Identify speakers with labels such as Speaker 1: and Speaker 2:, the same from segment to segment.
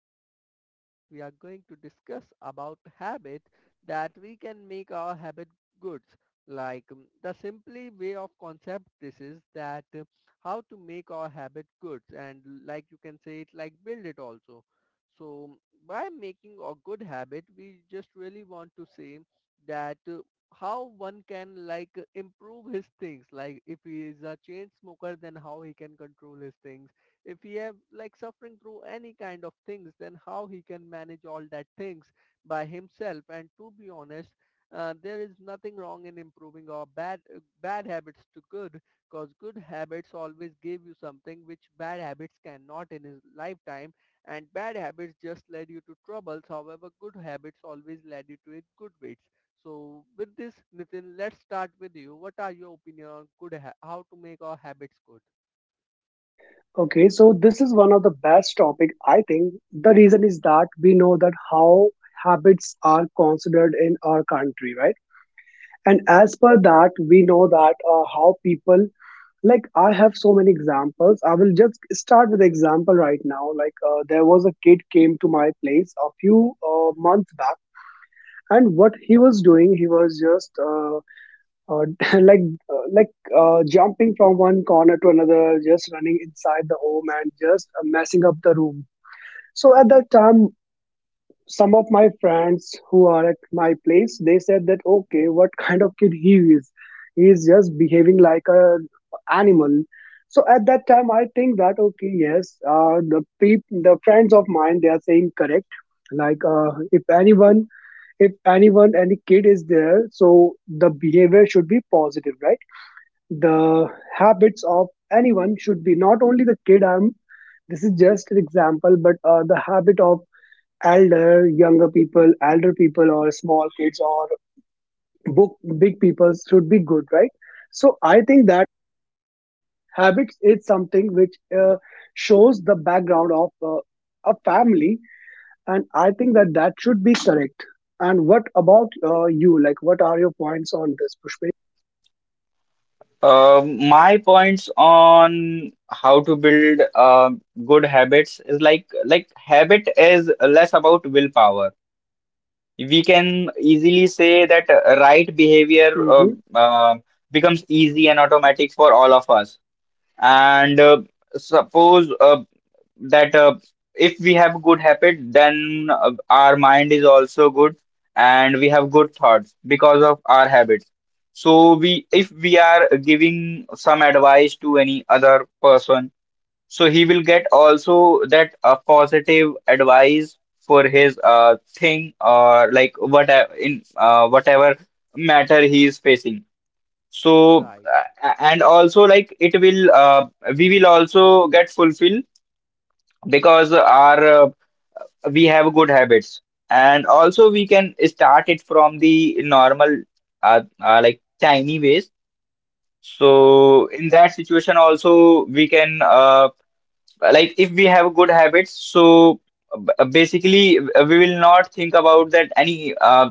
Speaker 1: In this podcast we are going to discuss about habit that we can make our habit good. Like the simply way of concept this is that how to make our habit good and like you can say it like build it also. So by making a good habit we just really want to say that how one can like improve his things, like if he is a chain smoker then how he can control his things. If he have like suffering through any kind of things then how he can manage all that things by himself. And to be honest, there is nothing wrong in improving our bad habits to good because good habits always give you something which bad habits cannot in his lifetime. And bad habits just led you to troubles, however good habits always led you to a good ways. So with this, Nitin, let's start with you. What are your opinion on how to make our habits good?
Speaker 2: Okay, so this is one of the best topic. I think the reason is that we know that how habits are considered in our country, right? And as per that, we know that how people I have so many examples. I will just start with example right now. There was a kid came to my place a few months back, and what he was doing, he was just uh, like uh, like jumping from one corner to another, just running inside the home and just messing up the room. So at that time, some of my friends who are at my place, they said that okay, what kind of kid he is? He is just behaving like a animal. So at that time, I think that okay, yes, the friends of mine, they are saying correct. If anyone, any kid is there, so the behavior should be positive, right? The habits of anyone should be not only the kid I'm This is just an example, but the habit of elder younger people, elder people, or small kids, or book, big people should be good, right? So I think that habits is something which shows the background of a family, and I think that that should be correct. And what about you? Like, what are your points on this, pushpin?
Speaker 3: My points on how to build good habits is like habit is less about willpower. We can easily say that right behavior
Speaker 2: Mm-hmm.
Speaker 3: uh, becomes easy and automatic for all of us. And suppose that if we have good habit, then our mind is also good, and we have good thoughts because of our habits. So we if we are giving some advice to any other person, so he will get also that positive advice for his thing, or like what in whatever matter he is facing. So
Speaker 1: Right,
Speaker 3: and also like it will we will also get fulfill because our we have good habits, and also we can start it from the normal like tiny ways.
Speaker 1: right.
Speaker 3: So in that situation also we can like if we have good habits, so basically we will not think about that any uh,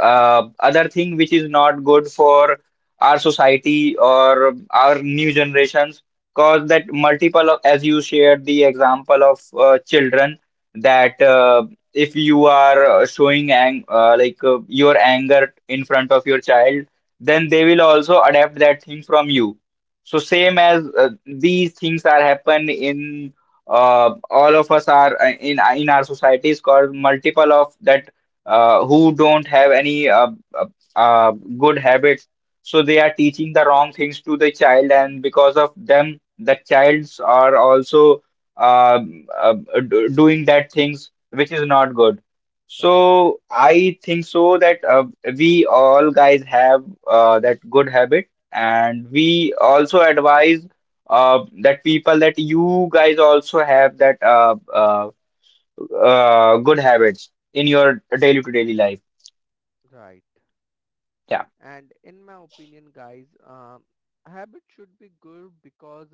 Speaker 3: uh, other thing which is not good for our society or our new generations, cause that multiple of, as you shared the example of children, that if you are showing ang like your anger in front of your child, then they will also adapt that thing from you. So same as these things are happen in all of us are in our societies called multiple of that who don't have any uh, uh, good habits. So they are teaching the wrong things to the child, and because of them, the childs are also um, uh, doing that
Speaker 1: Suffering.
Speaker 3: things which is not good.
Speaker 1: Right,
Speaker 3: So I think so that we all guys have that good habit, and we also advise that people that you guys also have that. Good habits in your daily to daily life.
Speaker 1: right.
Speaker 3: Yeah,
Speaker 1: And in my opinion, guys, habit should be good because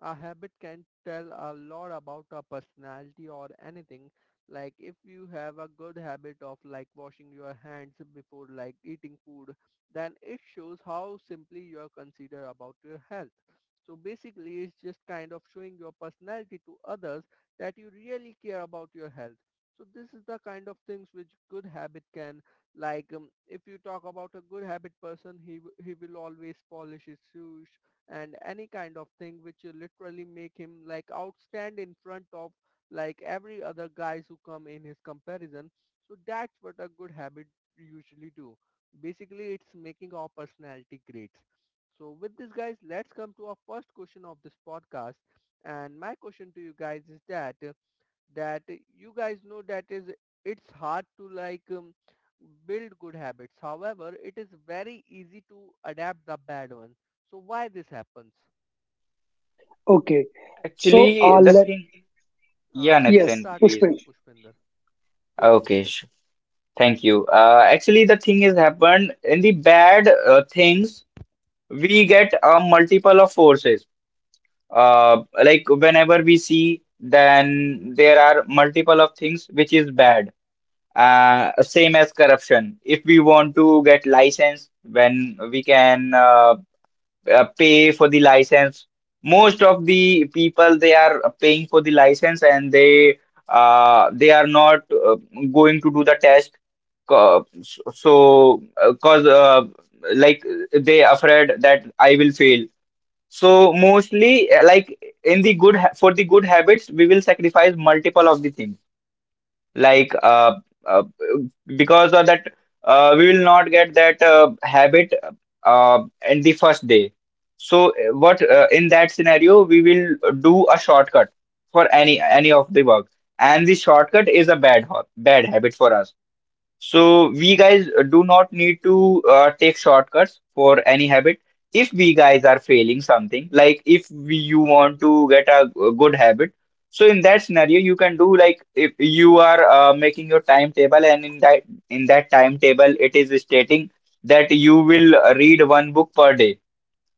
Speaker 1: a habit can tell a lot about our personality or anything. Like if you have a good habit of like washing your hands before like eating food, then it shows how simply you are considered about your health. So basically, it's just kind of showing your personality to others that you really care about your health. So this is the kind of things which good habit can. Like, if you talk about a good habit person, he will always polish his shoes and any kind of thing which will literally make him like outstand in front of like every other guys who come in his comparison. So that's what a good habit usually do. Basically, it's making our personality.
Speaker 2: okay so
Speaker 3: actually, the
Speaker 2: let
Speaker 3: thing, yeah,
Speaker 2: Yes,
Speaker 3: Nathan, please.
Speaker 2: pushpin.
Speaker 3: Okay, thank you. Actually, the thing is happened in the bad things, we get a multiple of forces. Like whenever we see, then there are multiple of things which is bad. Same as corruption. If we want to get license, when we can pay for the license. Most of the people they are paying for the license, and they are not going to do the test. Co- So, cause like they afraid that I will fail. So mostly like in the for the good habits we will sacrifice multiple of the things like uh, because of that we will not get that habit uh, in the first day. So what in that scenario we will do a shortcut for any of the work, and the shortcut is a bad habit for us. So we guys do not need to take shortcuts for any habit. If we guys are failing something, like if we, you want to get a good habit, so in that scenario you can do like if you are making your timetable, and in that timetable it is stating that you will read one book per day.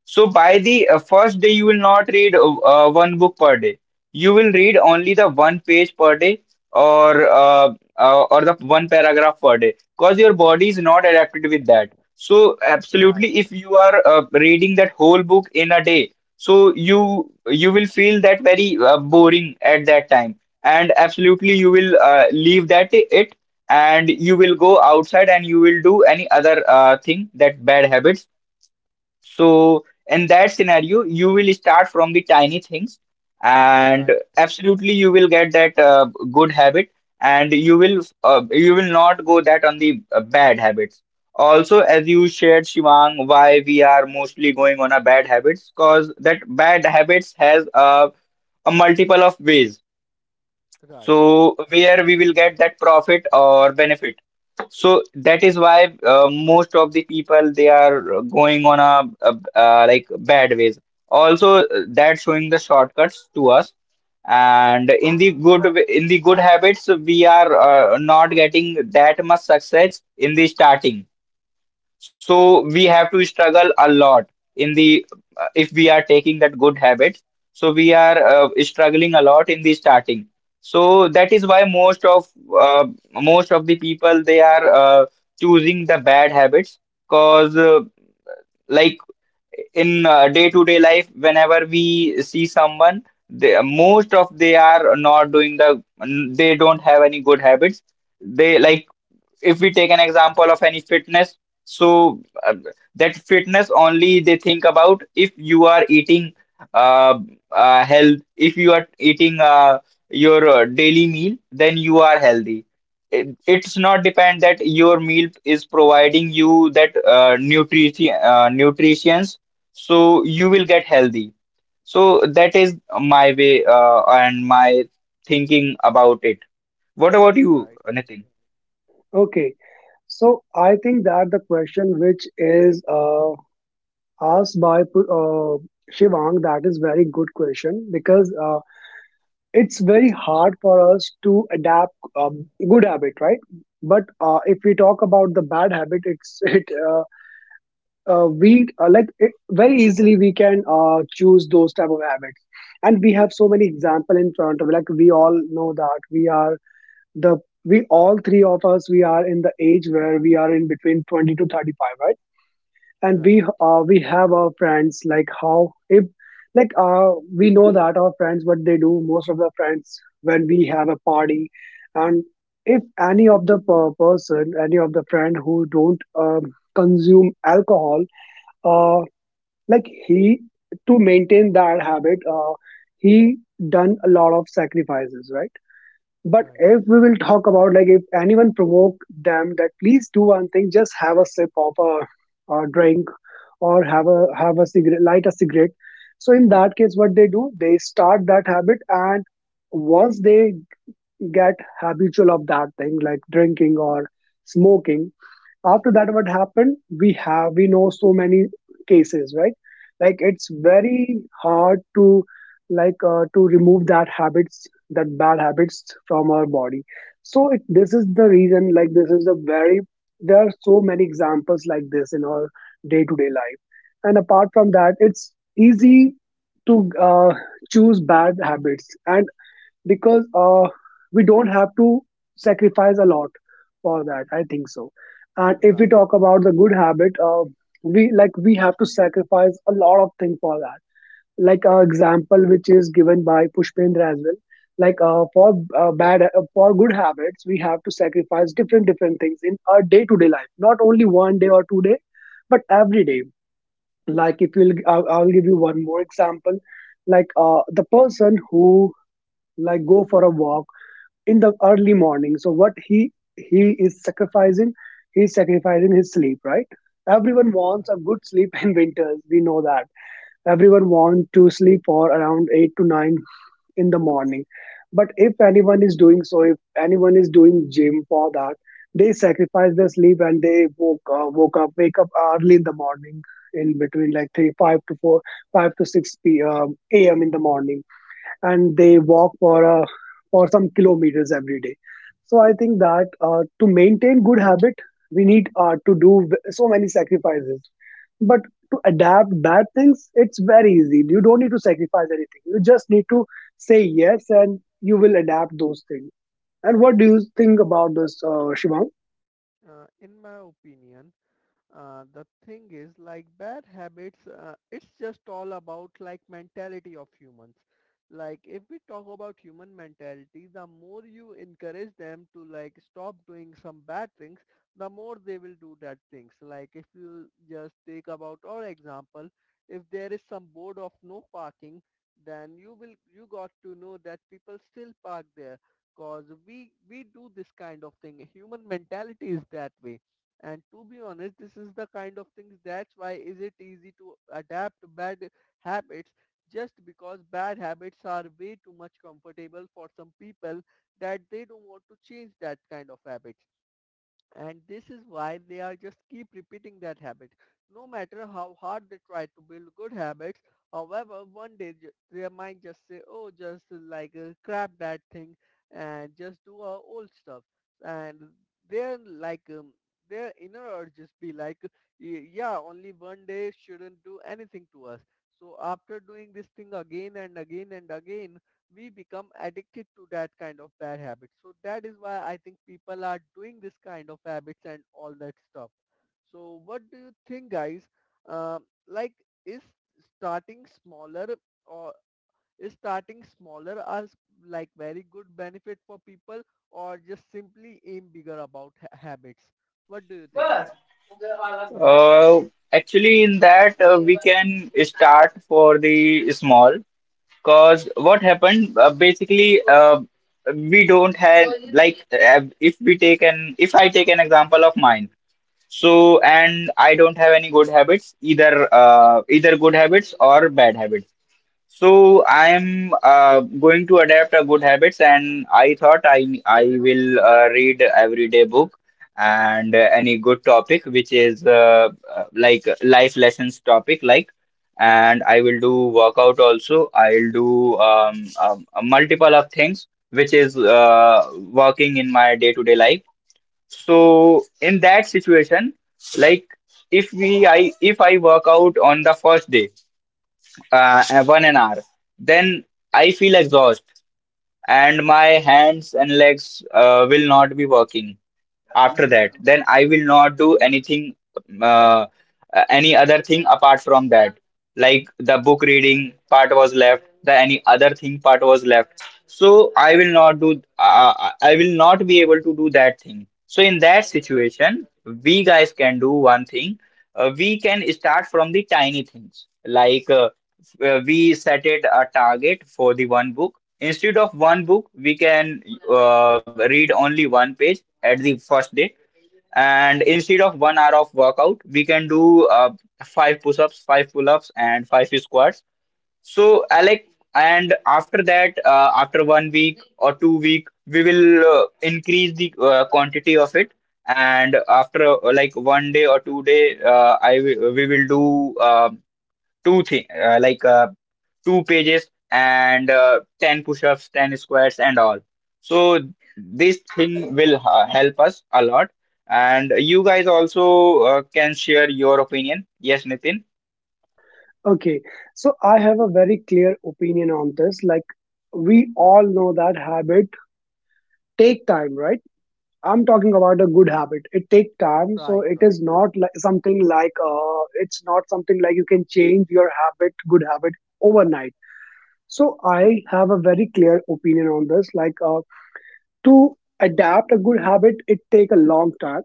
Speaker 3: So by the first day, you will not read one book per day. You will read only the one page per day, or or the one paragraph per day, because your body is not adapted with that. So absolutely,
Speaker 1: Right,
Speaker 3: if you are reading that whole book in a day, so you will feel that very boring at that time, and absolutely you will leave that it, and you will go outside and you will do any other thing that bad habits. So, in that scenario, you will start from the tiny things, and
Speaker 1: right,
Speaker 3: absolutely you will get that good habit, and you will you will not go that on the bad habits. Also, as you shared, Shivang, why we are mostly going on a bad habits, because that bad habits has a multiple of ways.
Speaker 1: right,
Speaker 3: So, where we will get that profit or benefit. So that is why most of the people they are going on a like bad ways. Also, that's showing the shortcuts to us. And in the in the good habits, we are not getting that much success in the starting. So we have to struggle a lot in the if we are taking that good habit. So we are struggling a lot in the starting. So that is why uh, most of the people they are choosing the bad habits, because like in day-to-day life, whenever we see someone, they, most of they are not doing the, they don't have any good habits. They like if we take an example of any fitness, so uh, that fitness only they think about, if you are eating uh, health, if you are eating your daily meal, then you are healthy. It's not depend that your meal is providing you that nutrition nutrients, so you will get healthy. So that is my way and my thinking about it. What about you,
Speaker 1: right,
Speaker 3: Nitin?
Speaker 2: Okay, so I think that the question which is asked by Shivang, that is very good question, because it's very hard for us to adapt good habit, right? But if we talk about the bad habit, it's it we like it, very easily we can choose those type of habits, and we have so many example in front of. Like we all know that we are the we all three of us, we are in the age where we are in between 20 to 35, right? And
Speaker 1: right,
Speaker 2: we have our friends. Like how if like We know that our friends what they do. Most of the friends, when we have a party, and if any of the person, any of the friend who don't consume alcohol, uh, he, to maintain that habit, he done a lot of sacrifices, right? But
Speaker 1: right,
Speaker 2: if we will talk about, like, if anyone provoke them that please do one thing, just have a sip of a drink, or have a cigarette, light a cigarette. So in that case, what they do, they start that habit, and once they get habitual of that thing, like drinking or smoking, after that, what happened, we have, we know so many cases, right? Like, it's very hard to, to remove that habits, that bad habits, from our body. So it, this is the reason, like, this is a very, there are so many examples like this in our day to day life. And apart from that, it's easy to choose bad habits, and because we don't have to sacrifice a lot for that, I think so. And if we
Speaker 1: right,
Speaker 2: talk about the good habit, we like, we have to sacrifice a lot of things for that, like an example which is given by pushpendra as well. like uh, for for good habits, we have to sacrifice different different things in our day to day life, not only 1 day or 2 day, but every day. Like, if you'll I'll give you one more example. The person who, like, go for a walk in the early morning. So what he is sacrificing, he's sacrificing his sleep, right? Everyone
Speaker 1: right.
Speaker 2: wants a good sleep in winters. We know that everyone wants to sleep for around 8 to 9 in the morning. But if anyone is doing so, if anyone is doing gym for that, they sacrifice their sleep and they wake up early in the morning, in between like three, five to four, five to six p. m a m in the morning, and they walk for a, for some kilometers every day. So I think that, to maintain good habit, we need to do so many sacrifices. But to adapt bad things, it's very easy. You don't need to sacrifice anything. You just need to say yes, and you will adapt those things. And what do you think about this, shivam?
Speaker 1: In my opinion, the thing is like bad habits, it's just all about like mentality of humans. Like if we talk about human mentality, the more you encourage them to like stop doing some bad things, the more they will do that things. Like, if you just take about our example, if there is some board of no parking, then you got to know that people still park there, cause we do this kind of thing. Human mentality is that way. And to be honest, this is the kind of things that's why is it easy to adapt bad habits, just because bad habits are way too much comfortable for some people that they don't want to change that kind of habits. And this is why they are just keep repeating that habit, no matter how hard they try to build good habits. However, one day, their mind just say, oh, just like crap that thing, and just do our old stuff. And their, like, their inner urge just be like, Yeah, only one day shouldn't do anything to us," so after doing this thing again and again and again, we become addicted to that kind of bad habit. So that is why I think people are doing this kind of habits and all that stuff. So what do you think, guys? Uh, like, is starting smaller or is starting smaller as like very good benefit for people, or just simply aim bigger about habits? What do you think?
Speaker 3: Uh, Actually, in that we can start for the small. Cause what happened? Basically, we don't have like if I take an example of mine. So and I don't have any good habits either. Either good habits or bad habits. So I am going to adapt a good habits, and I thought I will read everyday book and any good topic which is like life lessons topic like, and I will do workout also. I'll do a multiple of things which is working in my day-to-day life. So in that situation, like if I work out on the first day one an hour. Then I feel exhausted, and my hands and legs will not be working. After that, then I will not do anything uh, any other thing apart from that, like the book reading part was left, the any other thing part was left. So I will not do I will not be able to do that thing. So in that situation, we guys can do one thing. We can start from the tiny things, like we set it a target for the one book. Instead of one book, we can read only one page at the first day. And instead of one hour of workout we can do five push-ups, five pull-ups and five squats, so alec. And after that after one week or 2 week we will increase the quantity of it. And after like one day or 2 day, we will do two thing, like two pages and 10 push-ups, 10 squats and all. So this thing will help us a lot, and you guys also can share your opinion. Yes, Nitin.
Speaker 2: Okay, so I have a very clear opinion on this. Like, we all know that habit take time, right? I'm talking about a good habit. It take time, so
Speaker 1: Right,
Speaker 2: it
Speaker 1: right,
Speaker 2: is not like something like, it's not something like you can change your habit, good habit, overnight. So I have a very clear opinion on this. To adapt a good habit, it take a long time,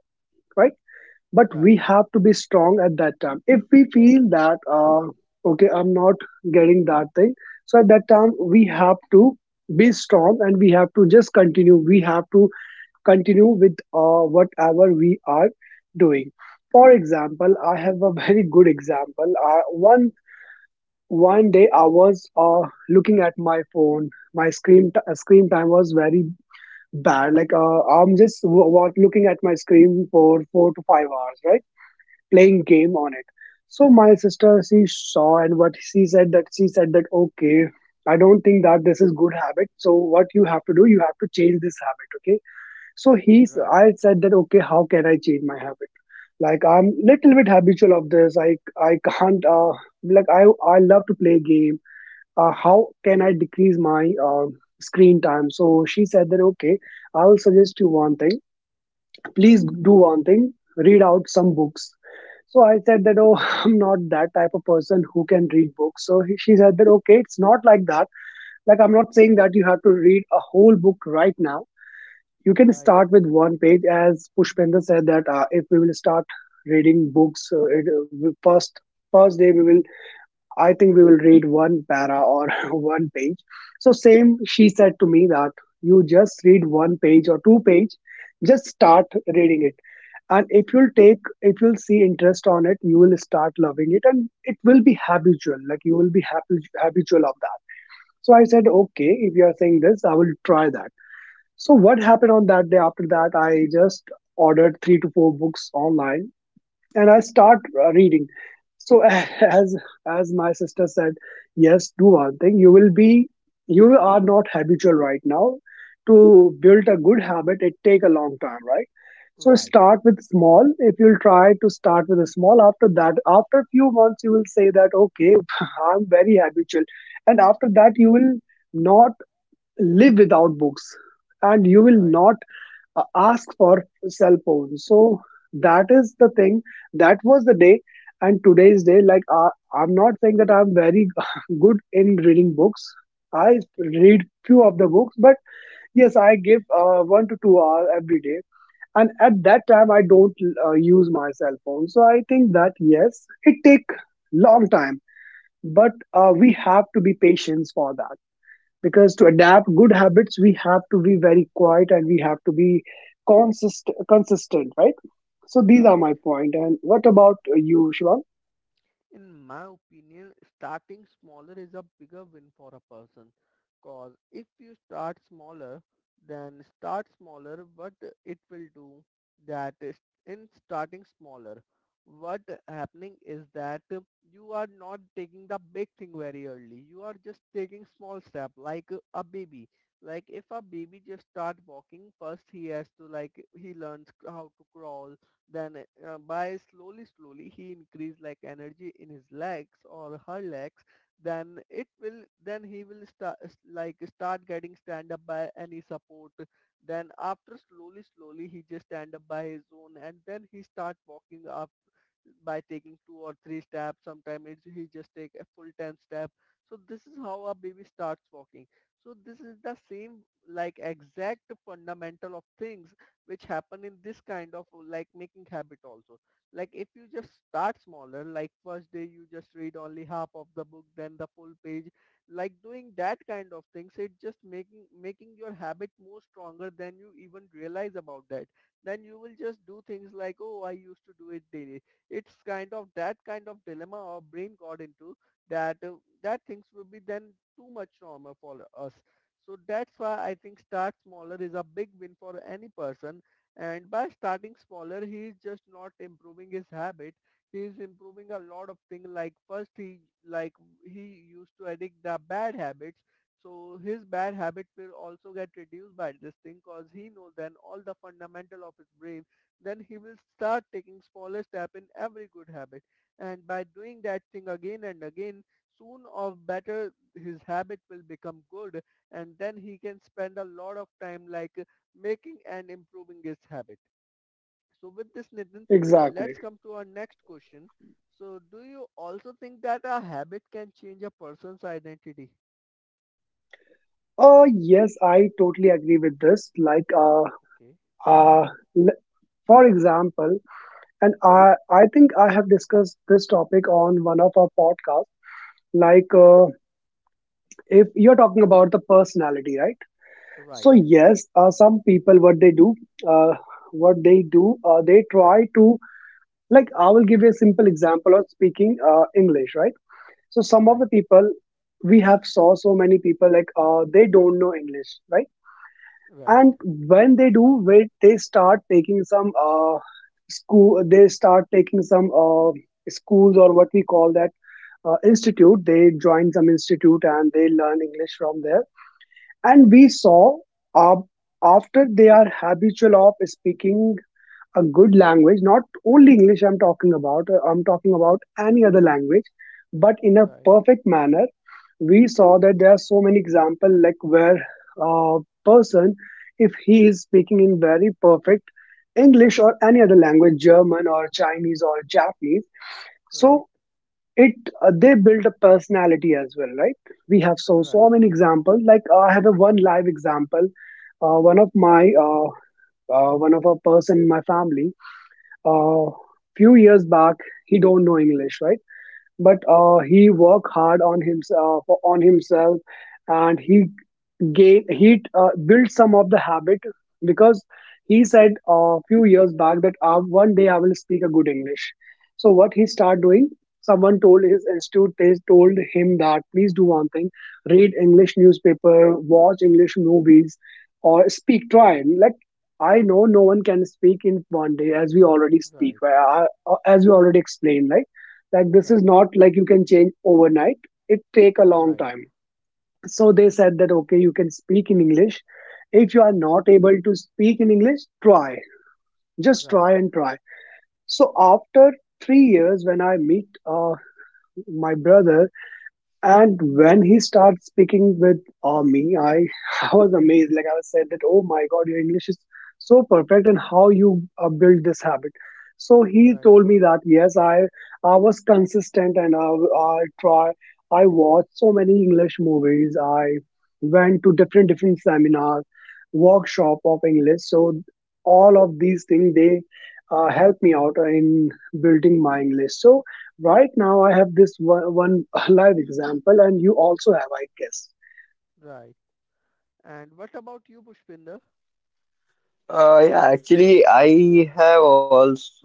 Speaker 2: right? But
Speaker 1: right,
Speaker 2: we have to be strong at that time. If we feel that, okay, I'm not getting that thing, so at that time we have to be strong, and we have to just continue. We have to continue with whatever we are doing. For example, I have a very good example. One one day I was looking at my phone. My screen time was very bad. Like, I'm just looking at my screen for 4 to 5 hours, right, playing game on it. So my sister, she saw, and what she said, that she said that, okay, I don't think that this is good habit, so what you have to do, you have to change this habit, okay? So
Speaker 1: right,
Speaker 2: I said that, okay, how can I change my habit? Like, I'm little bit habitual of this. I can't I love to play game. How can I decrease my screen time? So she said that, okay, I'll suggest you one thing. Please do one thing. Read out some books. So I said that, oh, I'm not that type of person who can read books. So she said that, okay, it's not like that. Like, I'm not saying that you have to read a whole book right now. You can
Speaker 1: right,
Speaker 2: start with one page, as pushpender said that, if we will start reading books, it, first first day we will, I think we will read one para or one page. So same, she said to me that you just read one page or two page. Just start reading it, and if you'll take, if you'll see interest on it, you will start loving it, and it will be habitual. Like, you will be happy habitual of that. So I said, okay, if you are saying this, I will try that. So what happened on that day after that? I just ordered 3 to 4 books online, and I start reading. So as my sister said, yes, do one thing. You will be, you are not habitual right now. To build a good habit, it take a long time, right? So
Speaker 1: right,
Speaker 2: start with small. If you'll try to start with a small, after that, after a few months, you will say that, okay, I'm very habitual, and after that, you will not live without books, and you will
Speaker 1: right.
Speaker 2: not ask for cell phones. So that is the thing. That was the day, and today's day, like, I'm not saying that I'm very good in reading books. I
Speaker 1: Okay,
Speaker 2: read few of the books, but yes, I give 1 to 2 hours every day, and at that time I don't use my cell phone. So I think that yes, it take long time, but we have to be patient for that, because to adapt good habits, we have to be very quiet, and we have to be consistent, right? So these are
Speaker 1: right.
Speaker 2: my point. And what about you, shivam?
Speaker 1: In my opinion, starting smaller is a bigger win for a person. Cause if you start smaller, then start smaller, what it will do that is, in starting smaller, what happening is that you are not taking the big thing very early. You are just taking small step, like a baby. Like if a baby just start walking, first he has to like he learns how to crawl, then by slowly, slowly he increase like energy in his legs or her legs. Then he will start like start getting stand up by any support. Then after slowly, slowly he just stand up by his own, and then he start walking up by taking two or three steps. Sometimes he just take a full 10 step. So this is how a baby starts walking. So this is the same like exact fundamental of things which happen in this kind of like making habit also, like if you just start smaller, like first day you just read only half of the book, then the full page, like doing that kind of things, it just making your habit more stronger than you even realize about that. Then you will just do things like, oh, I used to do it daily. It's kind of that kind of dilemma our brain got into, that uh, that things will be then too much trauma for us. So that's why I think start smaller is a big win for any person. And by starting smaller, he is just not improving his habit. He is improving a lot of things. Like first, like he used to addict the bad habits. So his bad habit will also get reduced by this thing because he knows then all the fundamental of his brain. Then he will start taking smaller step in every good habit. And by doing that thing again and again, soon or better his habit will become good, and then he can spend a lot of time like making and improving his habit. So with this, Nitin,
Speaker 2: Exactly.
Speaker 1: let's come to our next question. So do you also think that a habit can change a person's identity?
Speaker 2: Yes, I totally agree with this.
Speaker 1: Okay.
Speaker 2: Uh l- for example, and I think I have discussed this topic on one of our podcasts. like uh, if you're talking about the personality, right?
Speaker 1: Right.
Speaker 2: So yes, some people, what they do, uh, what they do they try to, like, I will give you a simple example of speaking english, right? So some of
Speaker 1: Right.
Speaker 2: the people, we have saw so many people. Like, they don't know english, right?
Speaker 1: Right.
Speaker 2: And when they do, when they start taking some school, they start taking some schools, or what we call that, institute. They join some institute, and they learn english from there. And we saw, uh, after they are habitual of speaking a good language, not only English I'm talking about any other language, but in a
Speaker 1: Right.
Speaker 2: perfect manner, we saw that there are so many examples like where a person, if he is speaking in very perfect English or any other language, German or Chinese or Japanese,
Speaker 1: Right.
Speaker 2: so it they build a personality as well, right? We have
Speaker 1: Right.
Speaker 2: so many examples. Like, I have a one live example, one of my one of a person in my family, uh,
Speaker 1: Okay.
Speaker 2: few years back, he don't know english, right? But
Speaker 1: Okay.
Speaker 2: he work hard on himself, and he gain heat, build some of the habit, because he said a few years back that, 1 day I will speak a good english. So what he started
Speaker 1: Okay.
Speaker 2: doing, someone told his institute, they told him that, please do one thing. Read english newspaper, watch english movies, or speak, try. Like, I know no one can speak in 1 day, as we already speak,
Speaker 1: Right.
Speaker 2: right? As we already explained, like this is
Speaker 1: Right.
Speaker 2: not like you can change overnight, it take a long
Speaker 1: Right.
Speaker 2: time. So they said that, okay, you can speak in english. If you are not able to speak in english, try, just try
Speaker 1: Right.
Speaker 2: and try. So after 3 years, when I meet my brother, and when he started speaking with me, I was amazed. Like, I was said that, oh my God, your English is so perfect, and how you build this habit. So he
Speaker 1: Right.
Speaker 2: told me that yes, I was consistent, and I try. I watched so many English movies. I went to different different seminars, workshop of English. So all of these things, they help me out in building my English. So right now, I have this one, one live example, and you also have, I guess.
Speaker 1: Right. And what about you, Pushpinder?
Speaker 3: Yeah, actually, I have also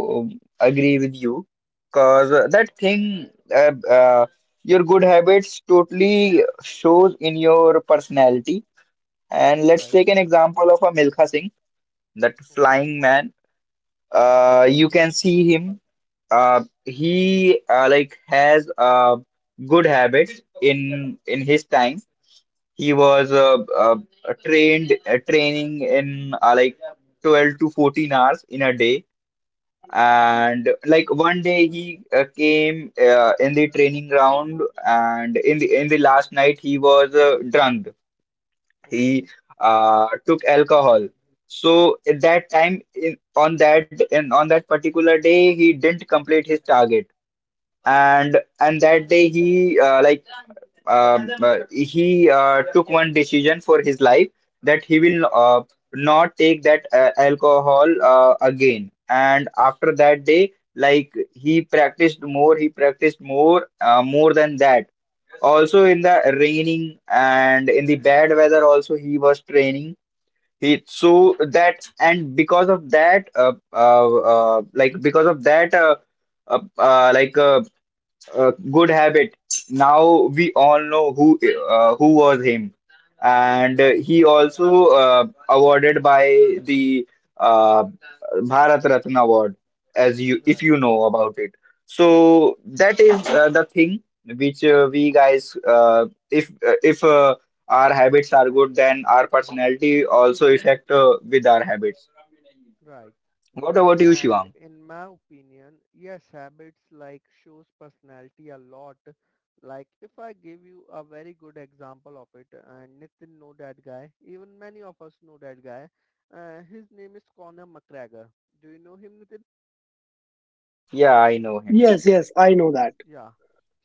Speaker 3: um, agree with you, because that thing, uh, uh, your good habits totally shows in your personality. And let's
Speaker 1: Right.
Speaker 3: take an example of a Milkha Singh, that
Speaker 1: Okay.
Speaker 3: flying man. You can see him. He like has good habits in his time. He was
Speaker 1: Okay.
Speaker 3: trained training in like 12 to 14 hours in a day.
Speaker 1: Okay.
Speaker 3: And like one day he came in the training ground, and in the last night he was drunk. He
Speaker 1: Okay.
Speaker 3: took alcohol. So at that time in on that particular day he didn't complete his target, and that day he he took one decision for his life, that he will not take that alcohol again. And after that day, like he practiced more, more than that. Also in the raining and in the bad weather, also he was training. He so that and because of that, uh, uh, like uh, good habit. Now we all know who was him, and
Speaker 1: Right.
Speaker 3: he also awarded by the uh, Bharat Ratna Award, as you if
Speaker 1: Right.
Speaker 3: you know about it. So that is the thing which we guys, if our habits are good, then our personality also affect with our habits.
Speaker 1: Right.
Speaker 3: What about you,
Speaker 1: And
Speaker 3: Shivang?
Speaker 1: in my opinion, yes, habits like shows personality a lot. Like if I give you a very good example of it, and Nitin know that guy, even many of us know that guy. His name is Conor McGregor. Do you know him, Nitin?
Speaker 3: Yeah, I know him.
Speaker 1: So
Speaker 2: Yes, yes, I know that.
Speaker 1: yeah.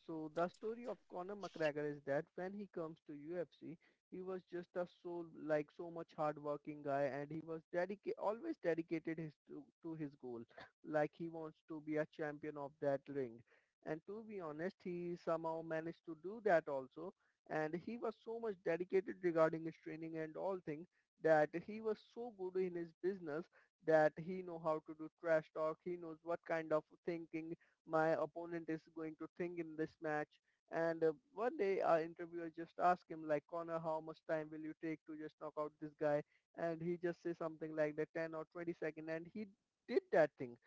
Speaker 1: So the story of Conor McGregor is that when he comes to UFC, he was just a so like so much hardworking guy, and he was dedicated, always dedicated his to his goal, like he wants to be a champion of that ring. And to be honest, he somehow managed to do that also, and he was so much dedicated regarding his training and all things, that he was so good in his business that he know how to do trash talk. He knows what kind of thinking my opponent is going to think in this match. And one day, our interviewer just asked him like, Conor, how much time will you take to just knock out this guy? And he just says something like that 10 or 20 second, and he did that thing.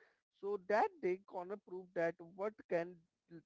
Speaker 1: So that day Conor proved that what can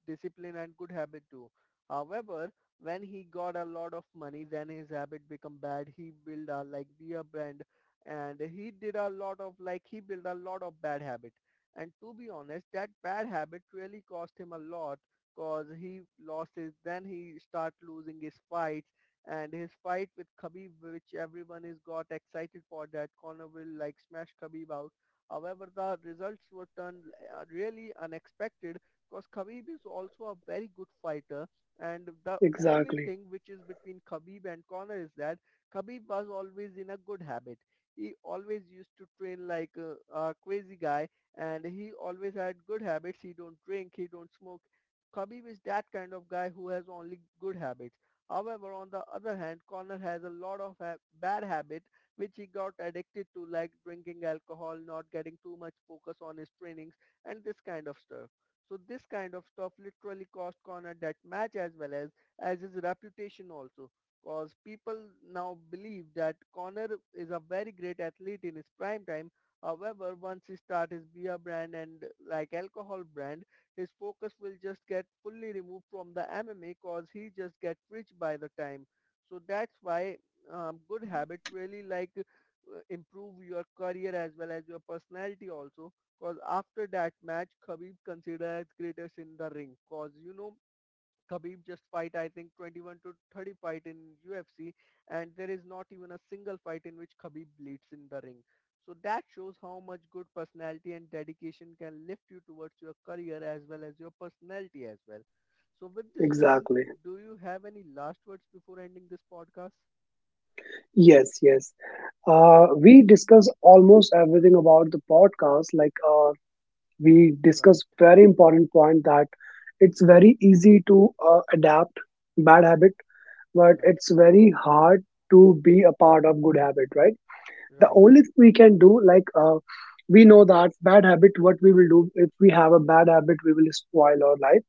Speaker 1: discipline and good habit do. However, when he got a lot of money, then his habit become bad. He built a like beer brand, and he did a lot of like he built a lot of bad habit, and to be honest, that bad habit really cost him a lot, cause then he start losing his fights, and his fight with Khabib, which everyone is got excited for that Conor will like smash Khabib out. However, the results were turned really unexpected, because Khabib is also a very good fighter, and the only
Speaker 2: Exactly,
Speaker 1: thing which is between Khabib and Conor is that Khabib was always in a good habit. He always used to train like a crazy guy, and he always had good habits. He don't drink, he don't smoke. Khabib is that kind of guy who has only good habits. However, on the other hand, Conor has a lot of bad habit which he got addicted to, like drinking alcohol, not getting too much focus on his trainings, and this kind of stuff. So this kind of stuff literally cost Conor that match, as well as his reputation also. Because people now believe that Conor is a very great athlete in his prime time. However, once he start his beer brand and like alcohol brand, his focus will just get fully removed from the MMA, cause he just get rich by the time. So that's why good habit really like improve your career as well as your personality also. Cause after that match, Khabib considered greatest in the ring. Cause, Khabib just fight, I think 21 to 30 fight in UFC, and there is not even a single fight in which Khabib bleeds in the ring. So that shows how much good personality and dedication can lift you towards your career as well as your personality as well. So with this, Nitin,
Speaker 2: exactly.
Speaker 1: do you have any last words before ending this podcast?
Speaker 2: Yes, yes. We discuss almost everything about the podcast. Like, we discuss
Speaker 1: Right,
Speaker 2: very important point that it's very easy to adapt bad habit, but
Speaker 1: right,
Speaker 2: it's very hard to be a part of good habit, right? The
Speaker 1: right,
Speaker 2: only thing we can do, we know that bad habit, what we will do, if we have a bad habit, we will spoil our life,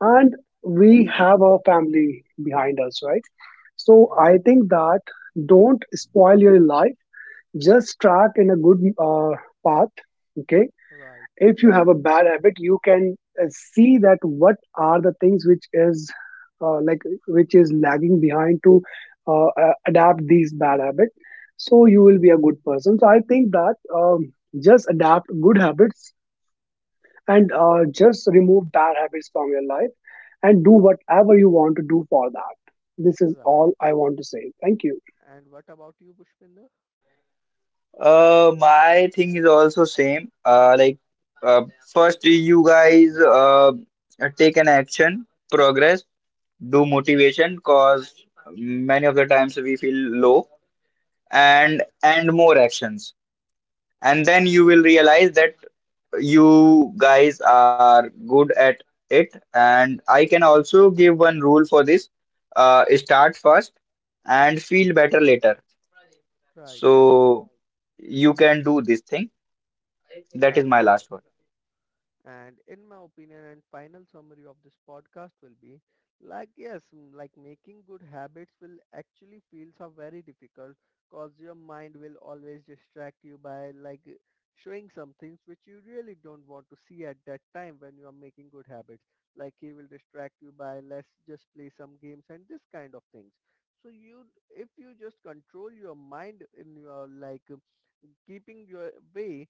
Speaker 2: and
Speaker 1: right,
Speaker 2: we have our family behind us, right? So I
Speaker 1: right,
Speaker 2: think that don't spoil your life. Just start in a good uh, path, okay?
Speaker 1: right,
Speaker 2: If you have a bad habit, you can see that what are the things which is uh, like which is lagging behind to adapt these bad habits. So you will be a good person. So I think that, um, just adapt good habits, and just remove bad habits from your life, and do whatever you want to do for that. This is
Speaker 1: right.
Speaker 2: all I want to say. Thank you.
Speaker 1: And what about you, Pushpinder?
Speaker 3: My thing is also same. Like, uh, first you guys take an action, progress, do motivation, cause many of the times we feel low,
Speaker 1: Right,
Speaker 3: and more actions, and then you will realize that you guys are good at it. And I can also give one rule for this. Start first and feel better later.
Speaker 1: right,
Speaker 3: So you can do this thing. That is
Speaker 1: right.
Speaker 3: my last one.
Speaker 1: And in my opinion and final summary of this podcast will be like, yes, like making good habits will actually feels are very difficult, cause your mind will always distract you by like showing some things which you really don't want to see at that time when you are making good habits. Like he will distract you by let's just play some games and this kind of things. So you if you just control your mind in your like keeping your way,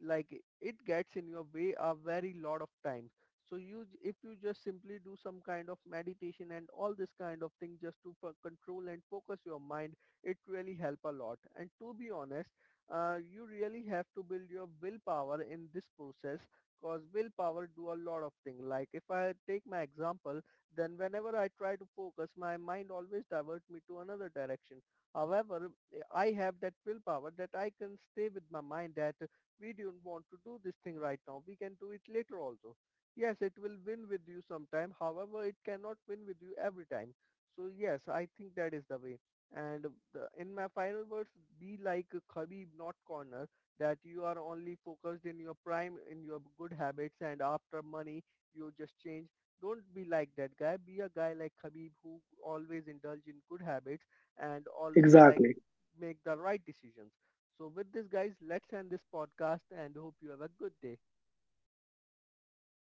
Speaker 1: like it gets in your way a very lot of times, so if you just simply do some kind of meditation and all this kind of thing just to control and focus your mind, it really help a lot. And to be honest, you really have to build your willpower in this process, because willpower do a lot of things. Like, if I take my example, then whenever I try to focus, my mind always divert me to another direction. However, I have that willpower that I can stay with my mind that we don't want to do this thing right now. We can do it later also. Yes, it will win with you sometime. However, it cannot win with you every time. So yes, I think that is the way. And, in my final words, be like Khabib, not Corner, that you are only focused in your prime, in your good habits, and after money, you just change. Don't be like that guy. Be a guy like Khabib who always indulge in good habits and always like
Speaker 2: Exactly.
Speaker 1: make the right decisions. So with this, guys, let's end this podcast and hope you have a good day.
Speaker 2: You.